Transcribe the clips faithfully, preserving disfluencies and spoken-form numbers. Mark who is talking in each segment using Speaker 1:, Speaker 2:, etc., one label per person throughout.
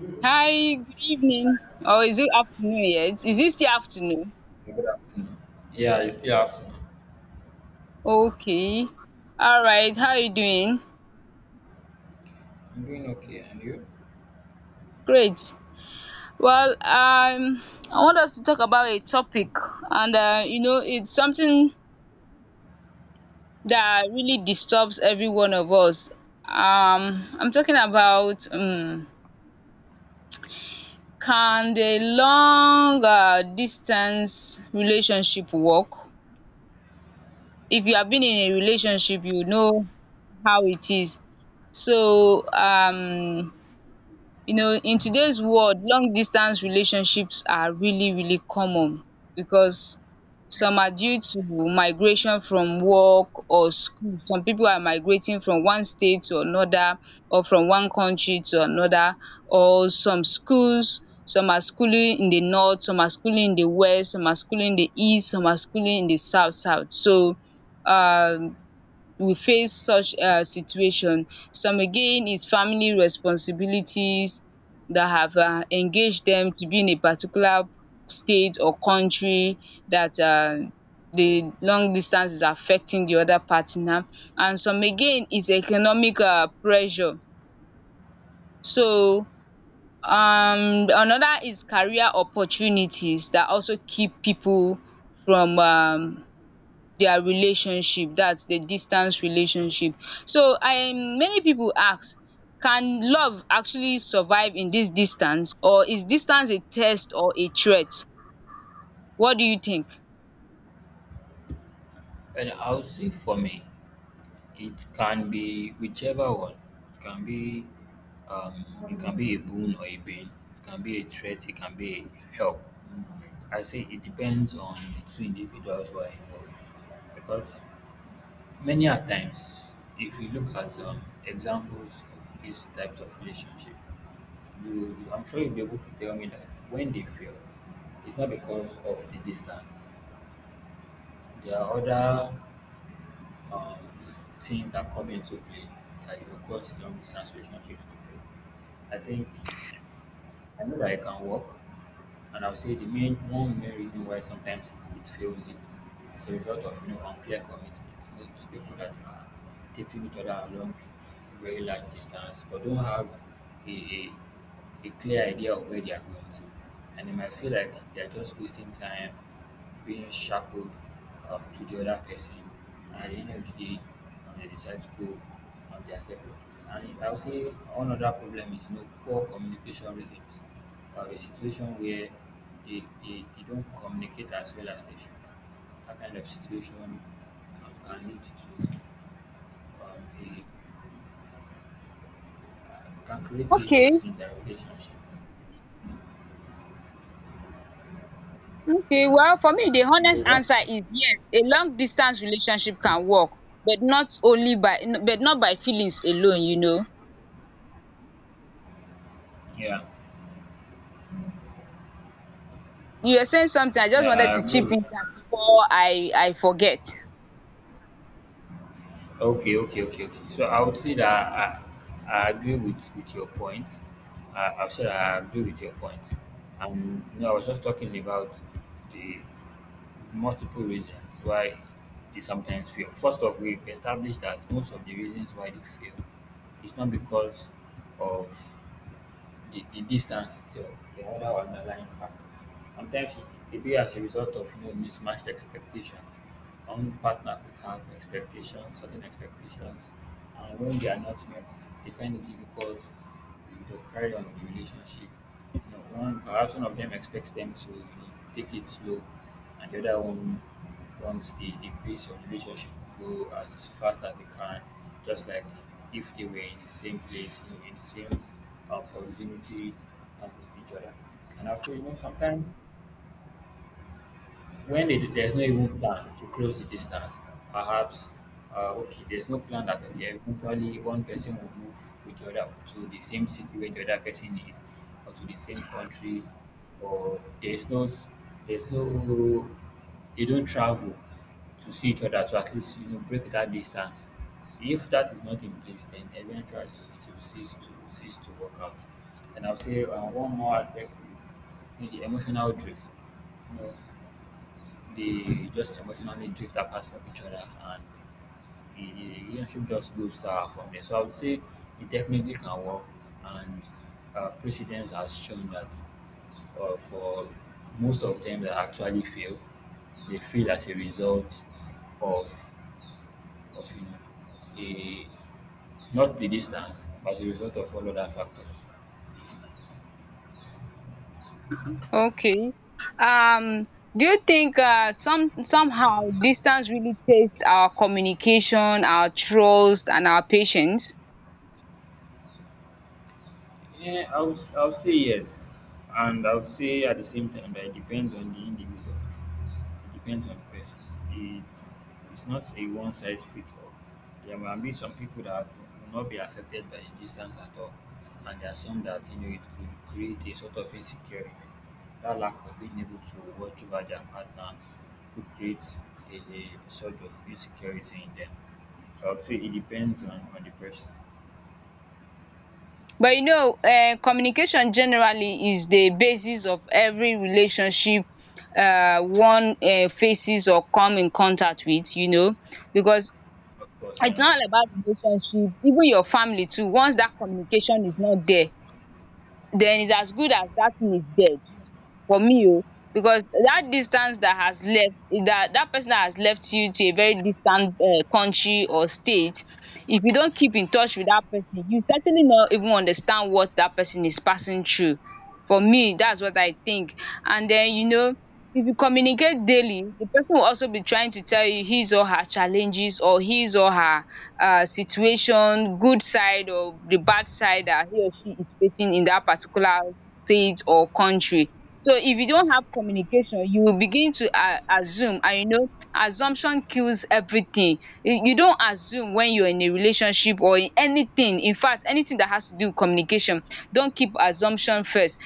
Speaker 1: Good
Speaker 2: Hi, good evening. Or is it afternoon yet? Is it still afternoon?
Speaker 1: afternoon. Yeah, it's still afternoon.
Speaker 2: Okay. All right. How are you doing?
Speaker 1: I'm doing okay, and you?
Speaker 2: Great. Well, um, I want us to talk about a topic, and uh, you know, it's something that really disturbs every one of us. Um, I'm talking about um, can the long uh, distance relationship work? If you have been in a relationship, you know how it is. so um you know, in today's world, long distance relationships are really really common because some are due to migration from work or school. Some people are migrating from one state to another, or from one country to another. Or some schools some are schooling in the north, some are schooling in the west, some are schooling in the east, some are schooling in the south south. So um, will face such um situation. Some again is family responsibilities that have um engaged them to be in a particular state or country, that um the long distance is affecting the other partner. And some again is economic um pressure. So um Another is career opportunities that also keep people from um their relationship, that's the distance relationship. So I, many people ask, can love actually survive in this distance, or is distance a test or a threat? What do you think?
Speaker 1: And I'll say for me, it can be whichever one. It can be, um, it can be a boon or a bane. It can be a threat. It can be a help. I say it depends on the two individuals who are involved. Because many a times, if you look at um, examples of these types of relationship, you, you I'm sure you'll be able to tell me that when they fail, it's not because of the distance. There are other um, things that come into play that you know cause long distance relationships to fail. I think I know that I can work. And I'll say the main one main reason why sometimes it, it fails it is a result of you know unclear commitment. You know, to people that are taking each other along very large distance but don't have a, a a clear idea of where they are going to. And they might feel like they are just wasting time being shackled um, to the other person. And at the end of the day, um, they decide to go um, their separate ways. And I would say one other problem is you know, poor communication rhythms. We have a situation where they, they, they don't communicate as well as they should. That kind of situation um, can lead to um, a, uh, can create issues
Speaker 2: Okay,
Speaker 1: in their relationship.
Speaker 2: okay, well, for me, the
Speaker 1: You
Speaker 2: honest
Speaker 1: want?
Speaker 2: answer is yes, a long distance relationship can work, but not only by but not by feelings alone, you know.
Speaker 1: Yeah,
Speaker 2: You were saying something, I
Speaker 1: yeah,
Speaker 2: just wanted
Speaker 1: I
Speaker 2: to
Speaker 1: agree
Speaker 2: chip
Speaker 1: with.
Speaker 2: in before i i forget.
Speaker 1: Okay, okay, okay, okay. So I would say that I, I agree with, with your point. I, I would say that I agree with your point. And you know, I was just talking about the multiple reasons why they sometimes fail. First off, we established that most of the reasons why they fail is not because of the, the distance itself, the other underlying factors. Sometimes it could be as a result of you know mismatched expectations. One partner could have expectations, certain expectations, and when they are not met, they find it difficult to you know, carry on the relationship. You know, one perhaps one of them expects them to you know, take it slow, and the other one wants the, the pace of the relationship to go as fast as they can, just like if they were in the same place, you know, in the same uh, proximity uh, with each other. And also, you know, sometimes when it, there's no even plan to close the distance, perhaps uh, okay, there's no plan that okay, eventually one person will move with the other to the same city where the other person is, or to the same country, or there's not, there's no, they don't travel to see each other to at least you know break that distance. If that is not in place, then eventually it will cease to cease to work out. And I'll say uh, one more aspect is you know, the emotional drift. You know, they just emotionally drift apart from each other and the, the relationship just goes sour from there. So I would say it definitely can work, and uh, precedence has shown that uh, for most of them that actually fail, they fail as a result of of you know a not the distance, but as a result of all other factors.
Speaker 2: Okay. Um, do you think uh, some somehow distance really tests our communication, our trust, and our patience?
Speaker 1: Yeah, I would, I would say yes. And I would say at the same time that it depends on the individual. It depends on the person. It's, it's not a one size fits all. There might be some people that will not be affected by the distance at all. And there are some that, you know, it could create a sort of insecurity. That lack of being able to watch over their partner could create a, a sort of insecurity in them. So I would say it depends on, on the person.
Speaker 2: But you know, uh, communication generally is the basis of every relationship uh, one uh, faces or come in contact with. You know, because
Speaker 1: Of course, I
Speaker 2: it's
Speaker 1: know.
Speaker 2: not all about relationship. Even your family too. Once that communication is not there, then it's as good as that thing is dead. For me o, because that distance that has left that that person that has left you to a very distant um country or state, if you don't keep in touch with that person, you certainly not even understand what that person is passing through. For me, that's what I think. And then you know, if you communicate daily, the person will also be trying to tell you his or her challenges or his or her um situation, good side or the bad side that he or she is facing in that particular state or country. So if you don't have communication, you will begin to a- assume, and you know, assumption kills everything. You you don't assume when you're in a relationship or in anything. In fact, anything that has to do with communication, don't keep assumption first.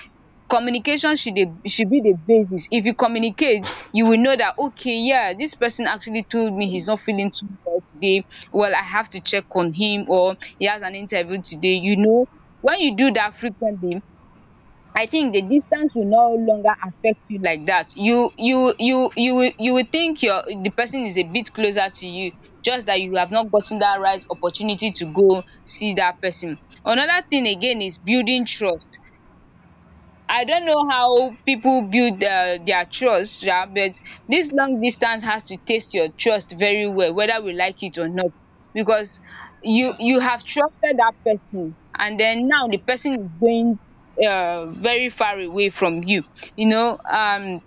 Speaker 2: Communication should be should be the basis. If you communicate, you will know that okay, yeah, this person actually told me he's not feeling too well today. Well, I have to check on him, or he has an interview today. You know, when you do that frequently, I think the distance will no longer affect you like that. You you you you will you will think your the person is a bit closer to you, just that you have not gotten that right opportunity to go see that person. Another thing again is building trust. I don't know how people build um their trust sha, but dis long distance has to test your trust very well, whether we like it or not. Because you
Speaker 1: Yeah.
Speaker 2: you have trusted dat person and den now de person is going um very far away from you. You know um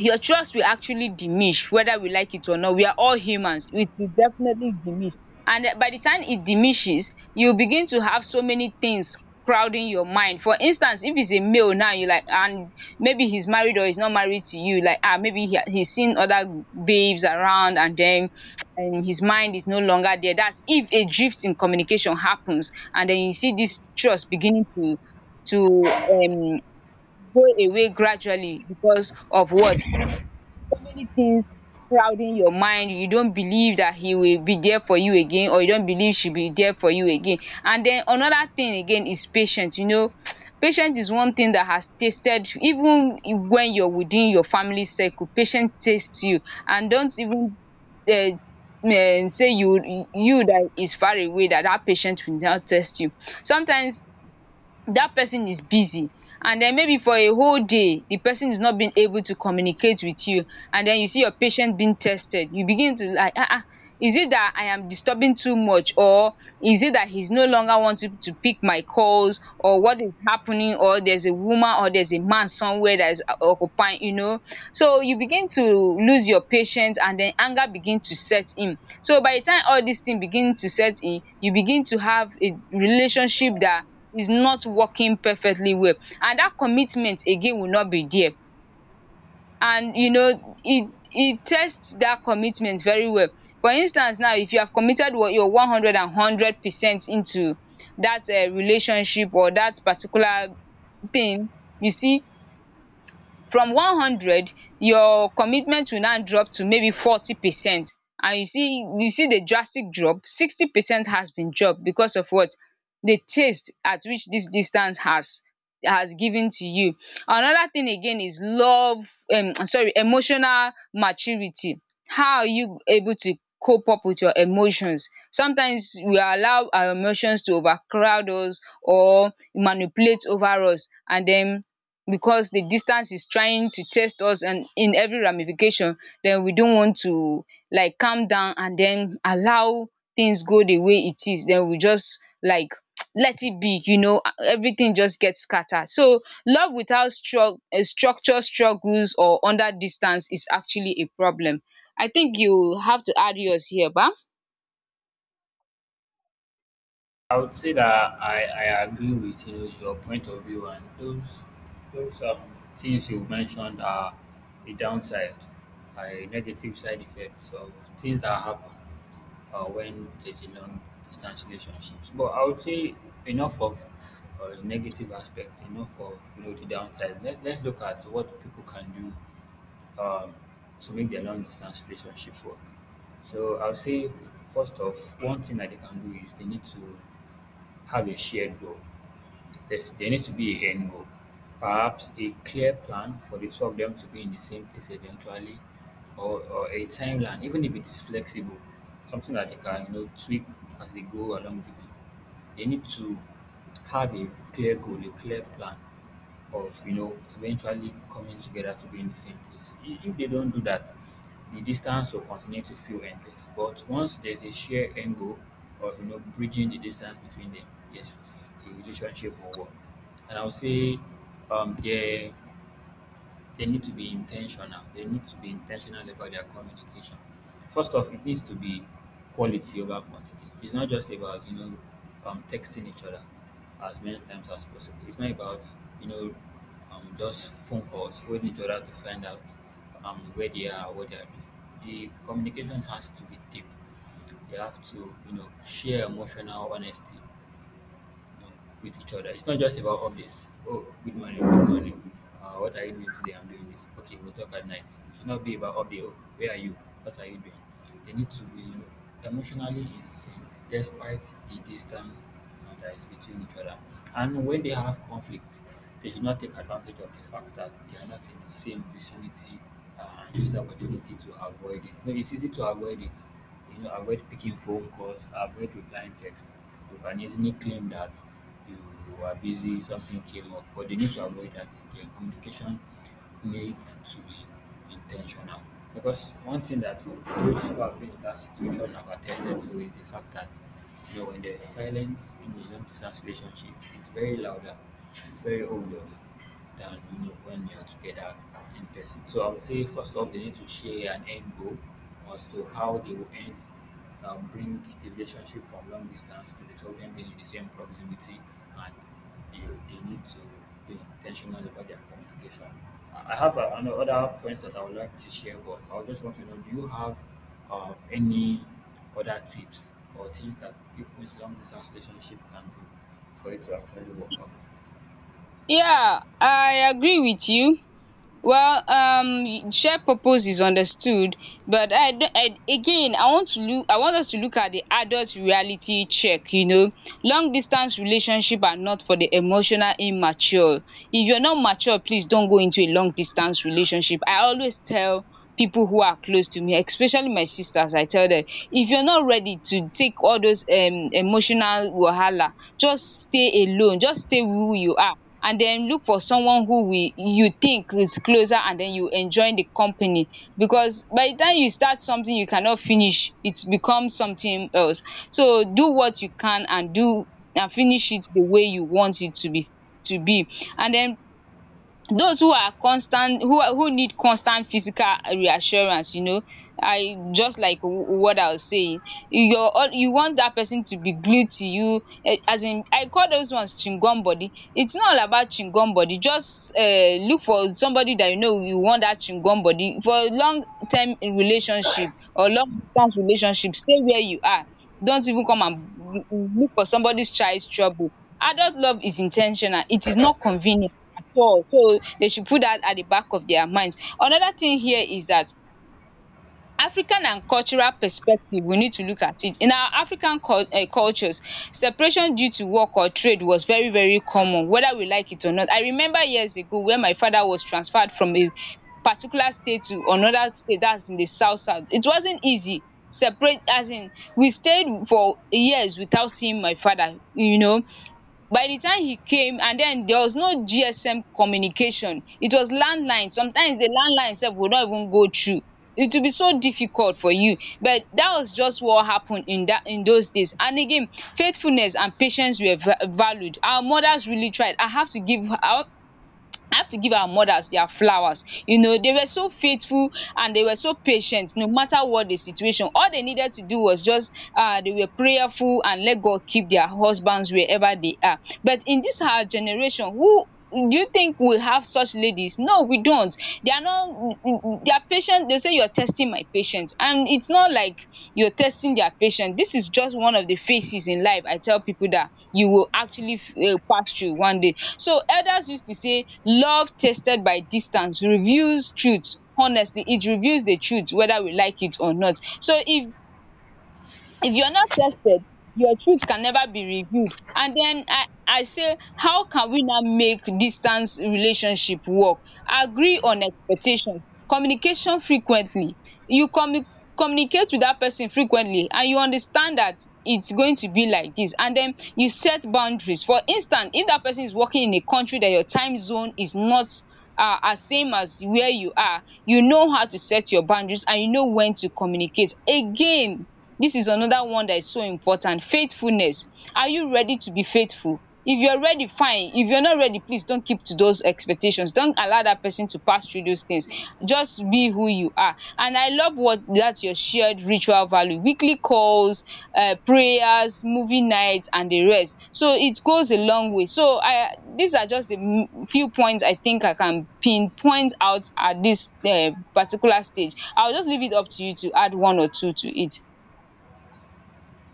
Speaker 2: your trust will actually diminish, whether we like it or not. We are all humans. It will definitely diminish. And eh, by the time it diminishes, you begin to have so many things crowding your mind. For instance, if he's a male now, you like, and maybe he's married or he's not married to you, like, ah, maybe he, he's seen other babes around, and then and his mind is no longer there. That's if a drift in communication happens, and then you see this trust beginning to to um go away gradually because of what, so many things crowding your mind. You don't believe that he will be there for you again, or you don't believe she be there for you again. And then another thing again is patience. You know, patience is one thing that has tasted. Even when you're within your family circle, patient taste you, and don't even um um say you, you that is far away, that that patient will not test you. Sometimes that person is busy, and then maybe for a whole day the person is not being able to communicate with you, and then you see your patient being tested. You begin to like, ah ah, is it that I am disturbing too much, or is it that he's no longer wanting to pick my calls, or what is happening, or there's a woman or there's a man somewhere that is occupying, you know. So you begin to lose your patience, and then anger begin to set in. So by the time all these things begin to set in, you begin to have a relationship that is not working perfectly well. And that commitment again will not be there. And you know, it it tests that commitment very well. For instance now, if you have committed what your one hundred and hundred percent into that um relationship or that particular thing, you see, from one hundred, your commitment will now drop to maybe forty percent. And you see, you see the drastic drop, sixty percent has been dropped because of what, the taste at which this distance has has given to you. Another thing again is love um sorry emotional maturity. How are you able to cope up with your emotions? Sometimes we allow our emotions to overcrowd us or manipulate over us, and then because the distance is trying to test us and in every ramification, then we don't want to like calm down and then allow things go the way it is. Then we just like let it be, you know, everything just gets scattered. So love without stru- uh, structure struggles or under distance is actually a problem. I think you have to add yours here ba.
Speaker 1: I would say that I, I agree with you know your point of view and those those um, things you mentioned are a downside, a negative side effects of things that happen uh, when there's a long distance relationships. But I would say enough of uh, the negative aspects, enough of you know the downside. Let's let's look at what people can do um, to make their long distance relationships work. So I would say f- first off, one thing that they can do is they need to have a shared goal. There's, there needs to be an end goal. Perhaps a clear plan for the two of them to be in the same place eventually, or, or a timeline, even if it is flexible, something that they can you know tweak as they go along the way. They need to have a clear goal, a clear plan of you know eventually coming together to be in the same place. I- If they don't do that, the distance will continue to feel endless. But once there's a shared end goal of you know bridging the distance between them, yes, the relationship will work. And I would say um, there they need to be intentional they need to be intentional about their communication first off it needs to be quality over quantity. It's not just about you know um, texting each other as many times as possible. It's not about you know um, just phone calls phoning each other to find out um, where they are, what they are doing. The communication has to be deep, they have to you know share emotional honesty with each other. It's not just about updates. Oh, good morning, good morning. Uh, what are you doing today? I'm doing this. Okay, we'll talk at night. It should not be about update. Oh, where are you? What are you doing? They need to be you know, emotionally in sync despite the distance uh, that is between each other. And when they have conflicts, they should not take advantage of the fact that they are not in the same vicinity uh, and use the opportunity to avoid it. No, it's easy to avoid it. You know, avoid picking phone calls, avoid replying texts. You can easily claim that you, you were busy, something came up, but they need to avoid that. Their communication needs to be intentional. Because one thing that those who have been in that situation have attested to is the fact that you know when there's silence in a long distance relationship, it's very louder, it's very obvious than you know when you're together in person. So I would say first off they need to share an end goal as to how they will end um, bring the relationship from long distance to the two of them being in the same proximity and they, they need to be intentional about their communication. I have uh, ano- other points that I would like to share, but I just want to know do you have uh, any other tips or things that people in long distance relationship can do for it to actually work out?
Speaker 2: Yeah, I agree with you. Well, um, shared purpose is understood, but I d- I again, I want to look I want us to look at the adult reality check, you know. Long distance relationship are not for the emotional immature. If you're not mature, please don't go into a long distance relationship. I always tell people who are close to me, especially my sisters, I tell them, if you're not ready to take all those um emotional wahala, just stay alone, just stay who you are, and then look for someone who will, you think is closer, and then you enjoy the company. Because by the time you start something you cannot finish, it becomes something else. So do what you can and do, and finish it the way you want it to be to be. And then those who are constant, who are who need constant physical reassurance, you know, I just like w- what I was saying you're all, you want that person to be glued to you eh, as in I call those ones chingum body. It's not all about chingum body. Just um look for somebody that, you know, you want that chingum body for a long term relationship or long distance relationship. Stay where you are, don't even come and look for somebody's child's trouble. Adult love is intentional, it is not convenient at all. So they should put that at the back of their minds. Another thing here is that African and cultural perspective we need to look at it. In our African cul um cultures, separation due to work or trade was very very common, whether we like it or not. I remember years ago, when my father was transferred from a particular state to another state, that's in the south south. It wasn't easy. Separate, as in we stayed for years without seeing my father, you know. By the time he came, and then there was no G S M communication, it was landline. Sometimes the landline sef would not even go through, it will be so difficult for you, but that was just what happened in that, in those days. And again, faithfulness and patience were va- valued. Our mothers really tried. i have to give i I have to give our mothers their flowers. You know, they were so faithful, and they were so patient, no matter what the situation. All they needed to do was just um they were prayerful and let God keep their husbands wherever they are. But in this our generation, who do you think we have such ladies? No, we don't. They are not their patient, they say, "You are testing my patience," and it's not like you're testing their patience. This is just one of the phases in life. I tell people that you will actually uh, pass through one day. So elders used to say love tested by distance reveals truth. Honestly, it reveals the truth whether we like it or not. So if if you're not tested, your truth can never be revealed. And then i i say, how can we now make distance relationship work? Agree on expectations, communication frequently. You commu communicate with that person frequently, and you understand that it's going to be like this. And then you set boundaries. For instance, if that person is working in a country that your time zone is not uh, as same as where you are, you know how to set your boundaries, and you know when to communicate again. This is another one that is so important. Faithfulness. Are you ready to be faithful? If you're ready, fine. If you're not ready, please don't keep to those expectations. Don't allow that person to pass through those things. Just be who you are. And I love what that's your shared ritual value. Weekly calls, uh, prayers, movie nights, and the rest. So it goes a long way. So I these are just the few points I think I can pinpoint out at this uh, particular stage. I'll just leave it up to you to add one or two to it.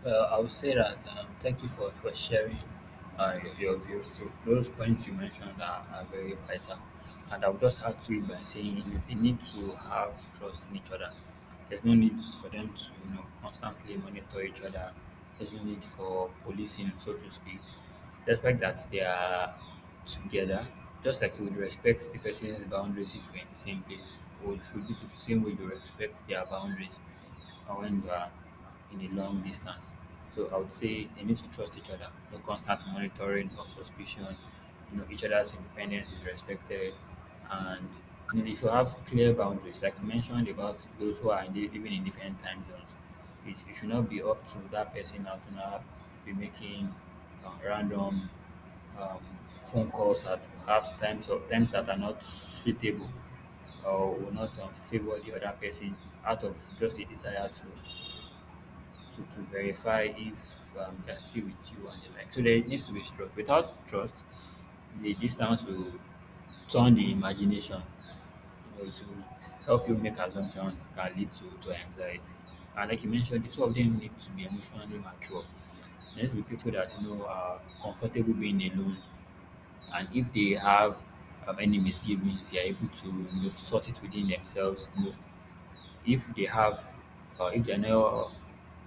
Speaker 1: Well, I would say that um, thank you for, for sharing uh, your, your views too. Those points you mentioned are, are very vital. And I would just add to it by saying you, you need to have trust in each other. There's no need for them to you know constantly monitor each other. There's no need for policing, so to speak. Respect that they are together. Just like you would respect the person's boundaries if you're in the same place, or it should be the same way you respect their boundaries uh, when you are in a long distance. So I would say they need to trust each other, no constant monitoring or suspicion you know each other's independence is respected and you know, they should have clear boundaries like you mentioned about those who are in the, even in different time zones, it, it should not be up to that person now to now be making uh, random um, phone calls at perhaps times of times that are not suitable or will not um, favor the other person out of just a desire to to, to verify if um, they're still with you and the like. So there needs to be trust. Without trust, the distance will turn the imagination. You know, it will help you make assumptions that can lead to, to anxiety. And like you mentioned, the two of them need to be emotionally mature. There needs to be people that you know are comfortable being alone, and if they have um, any misgivings, they are able to you know, sort it within themselves. You know, if they have uh, if they know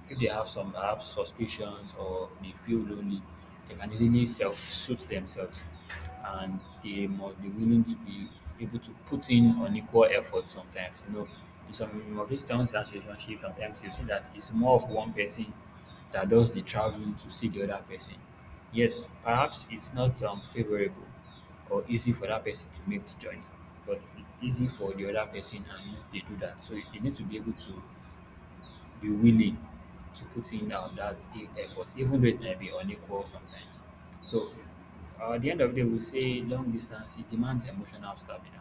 Speaker 1: if they have some perhaps suspicions or they feel lonely they can easily self suit themselves and they must be willing to be able to put in unequal effort sometimes you know in some of these towns and relationships sometimes you see that it's more of one person that does the traveling to see the other person. Yes, perhaps it's not um, favorable or easy for that person to make the journey, but it's easy for the other person and they do that. So you need to be able to be willing to put in um, that e- effort, even though it might be unequal sometimes. So, uh, at the end of the day, we say long distance it demands emotional stamina.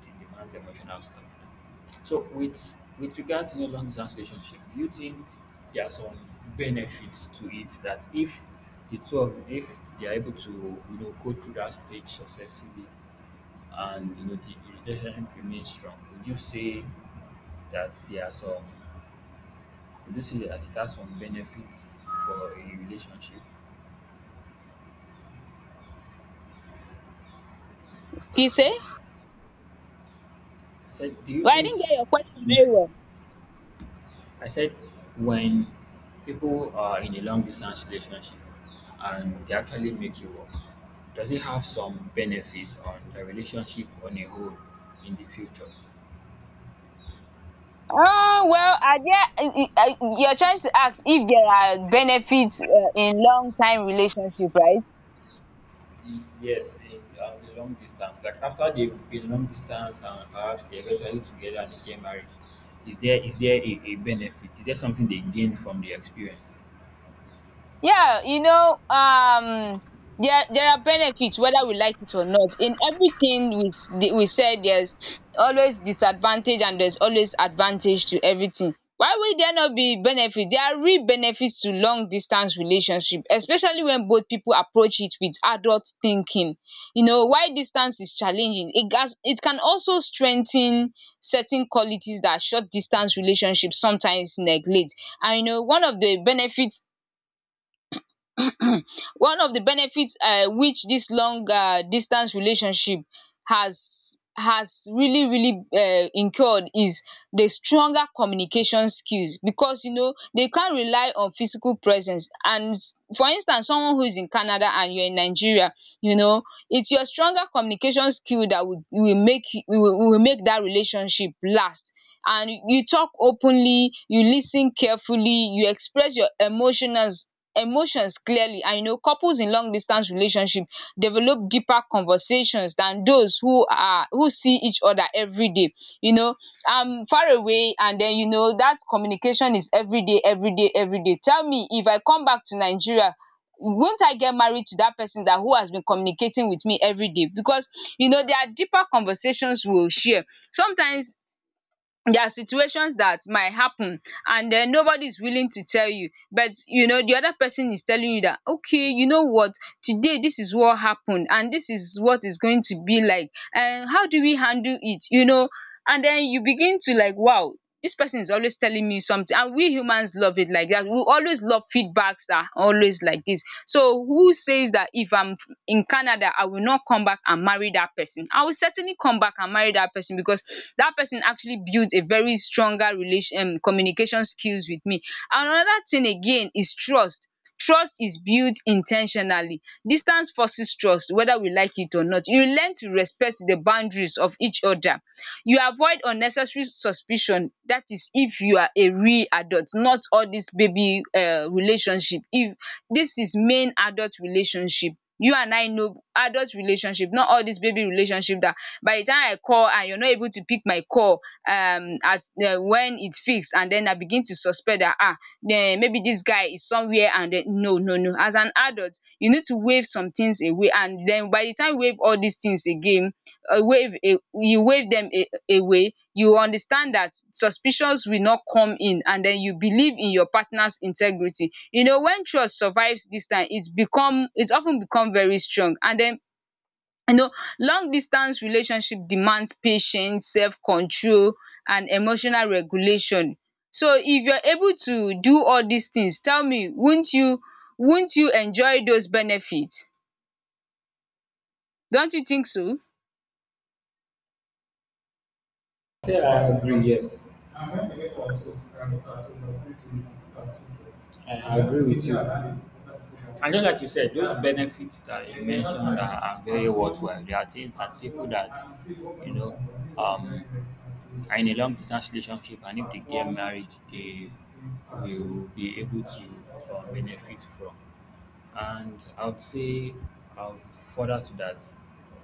Speaker 1: It demands emotional stamina. So, with with regard to the long distance relationship, do you think there are some benefits to it that if the two of if they are able to you know go through that stage successfully, and you know the relationship remains strong, would you say that there are some you do see that it has some benefits for a relationship.
Speaker 2: You say?
Speaker 1: I said, do you
Speaker 2: Well, I
Speaker 1: think
Speaker 2: didn't get your question very
Speaker 1: if
Speaker 2: well.
Speaker 1: I said when people are in a long distance relationship and they actually make you work, does it have some benefits on the relationship on a whole in the future?
Speaker 2: Oh, well, are there, uh, uh, you're trying to ask if there are benefits uh, in long time relationship, right?
Speaker 1: Yes, in uh, the long distance. Like after they've been long distance and perhaps they eventually together and they get married, is there is there a, a benefit? Is there something they gain from the experience?
Speaker 2: Yeah, you know, um, there there are benefits whether we like it or not. In everything we s- the- we said, there's always disadvantage and there's always advantage to everything. Why will there not be benefits? There are real benefits to long distance relationship, especially when both people approach it with adult thinking. You know, why distance is challenging, it gas it can also strengthen certain qualities that short distance relationships sometimes neglect. And you know, one of the benefits one of the benefits uh, which this long uh, distance relationship has has really really uh, incurred is the stronger communication skills, because you know they can't rely on physical presence. And for instance, someone who is in Canada and you're in Nigeria, you know it's your stronger communication skill that will will make will will make that relationship last. And you talk openly, you listen carefully, you express your emotions, emotions clearly. And you know, couples in long distance relationship develop deeper conversations than those who are who see each other every day. You know, I'm far away, and then you know that communication is everyday, everyday, everyday. Tell me, if I come back to Nigeria, won't I get married to that person that who has been communicating with me every day? Because you know there are deeper conversations we'll share. Sometimes there are situations that might happen and then nobody is willing to tell you, but you know the other person is telling you that, okay, you know what, today this is what happened and this is what is going to be like and how do we handle it, you know. And then you begin to like, wow, this person is always telling me something. And we humans love it like that, we always love feedbacks that are always like this. So who says that if I'm in Canada, I will not come back and marry that person? I will certainly come back and marry that person, because that person actually builds a very stronger relation um, communication skills with me. And another thing again is trust. Trust is built intentionally. Distance forces trust, whether we like it or not. You learn to respect the boundaries of each other. You avoid unnecessary suspicion. That is, if you are a real adult, not all this baby uh, relationship. If dis is main adult relationship. You and I know adult relationship, not all dis baby relationship dat by the time I call and you no able to pick my call um at um when it's fixed, and den I begin to suspect dat um maybe dis guy is somewhere, and den, no, no, no. As an adult, you need to waive some things away. And den by the time you waive all dis things again, uh, wave a, you wave them a, away, you understand that suspicions will not come in, and then you believe in your partner's integrity. You know, when trust survives this time, it's become it's often become very strong. And then you know, long distance relationship demands patience, self-control, and emotional regulation. So if you're able to do all these things, tell me, won't you won't you enjoy those benefits? Don't you think so?
Speaker 1: Say I agree, yes. I'm trying to get cartoons, and cartoons are sent to me cartoons. I agree with you. And just like you said, those benefits that you mentioned are, are very worthwhile. There are things that people that, you know, um, are in a long distance relationship, and if they get married, they will be able to uh, benefit from. And I would say, um, further to that,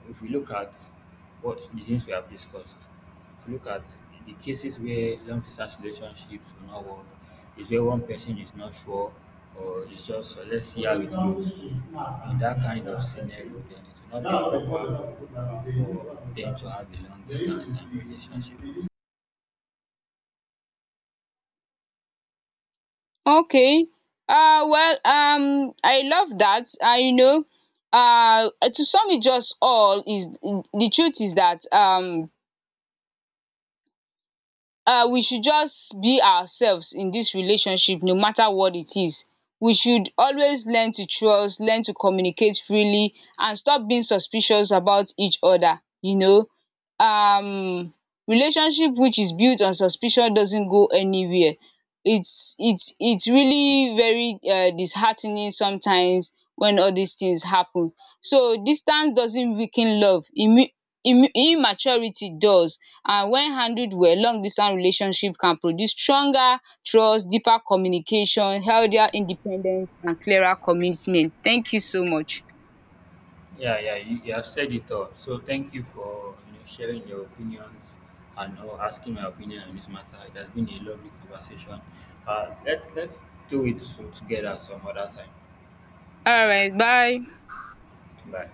Speaker 1: if we look at what the things we have discussed, if we look at the cases where long distance relationships will not work, is where one person is not sure or it's just uh, let's see how it goes. In that kind of scenario, then it will not be proper for them to have a long distance and relationship.
Speaker 2: Okay. Uh, well, um, I love that. Uh, you know, uh, to sum it just all is, the truth is that um um we should just be ourselves in this relationship, no matter what it is. We should always learn to trust, learn to communicate freely, and stop being suspicious about each other, you know. um Relationship which is built on suspicion doesn't go anywhere. It's it's it's really very um disheartening sometimes when all these things happen. So distance doesn't weaken love. Immu- immu- immaturity does. And when handled well, long distance relationship can produce stronger trust, deeper communication, healthier independence, and clearer commitment. Thank you so much.
Speaker 1: Yeah, yeah, you, you have said it all. So thank you for you know, sharing your opinions and uh, asking my opinion on this matter. It has been a lovely conversation. Uh, let's let's do it together some other time.
Speaker 2: All right, bye.
Speaker 1: Bye.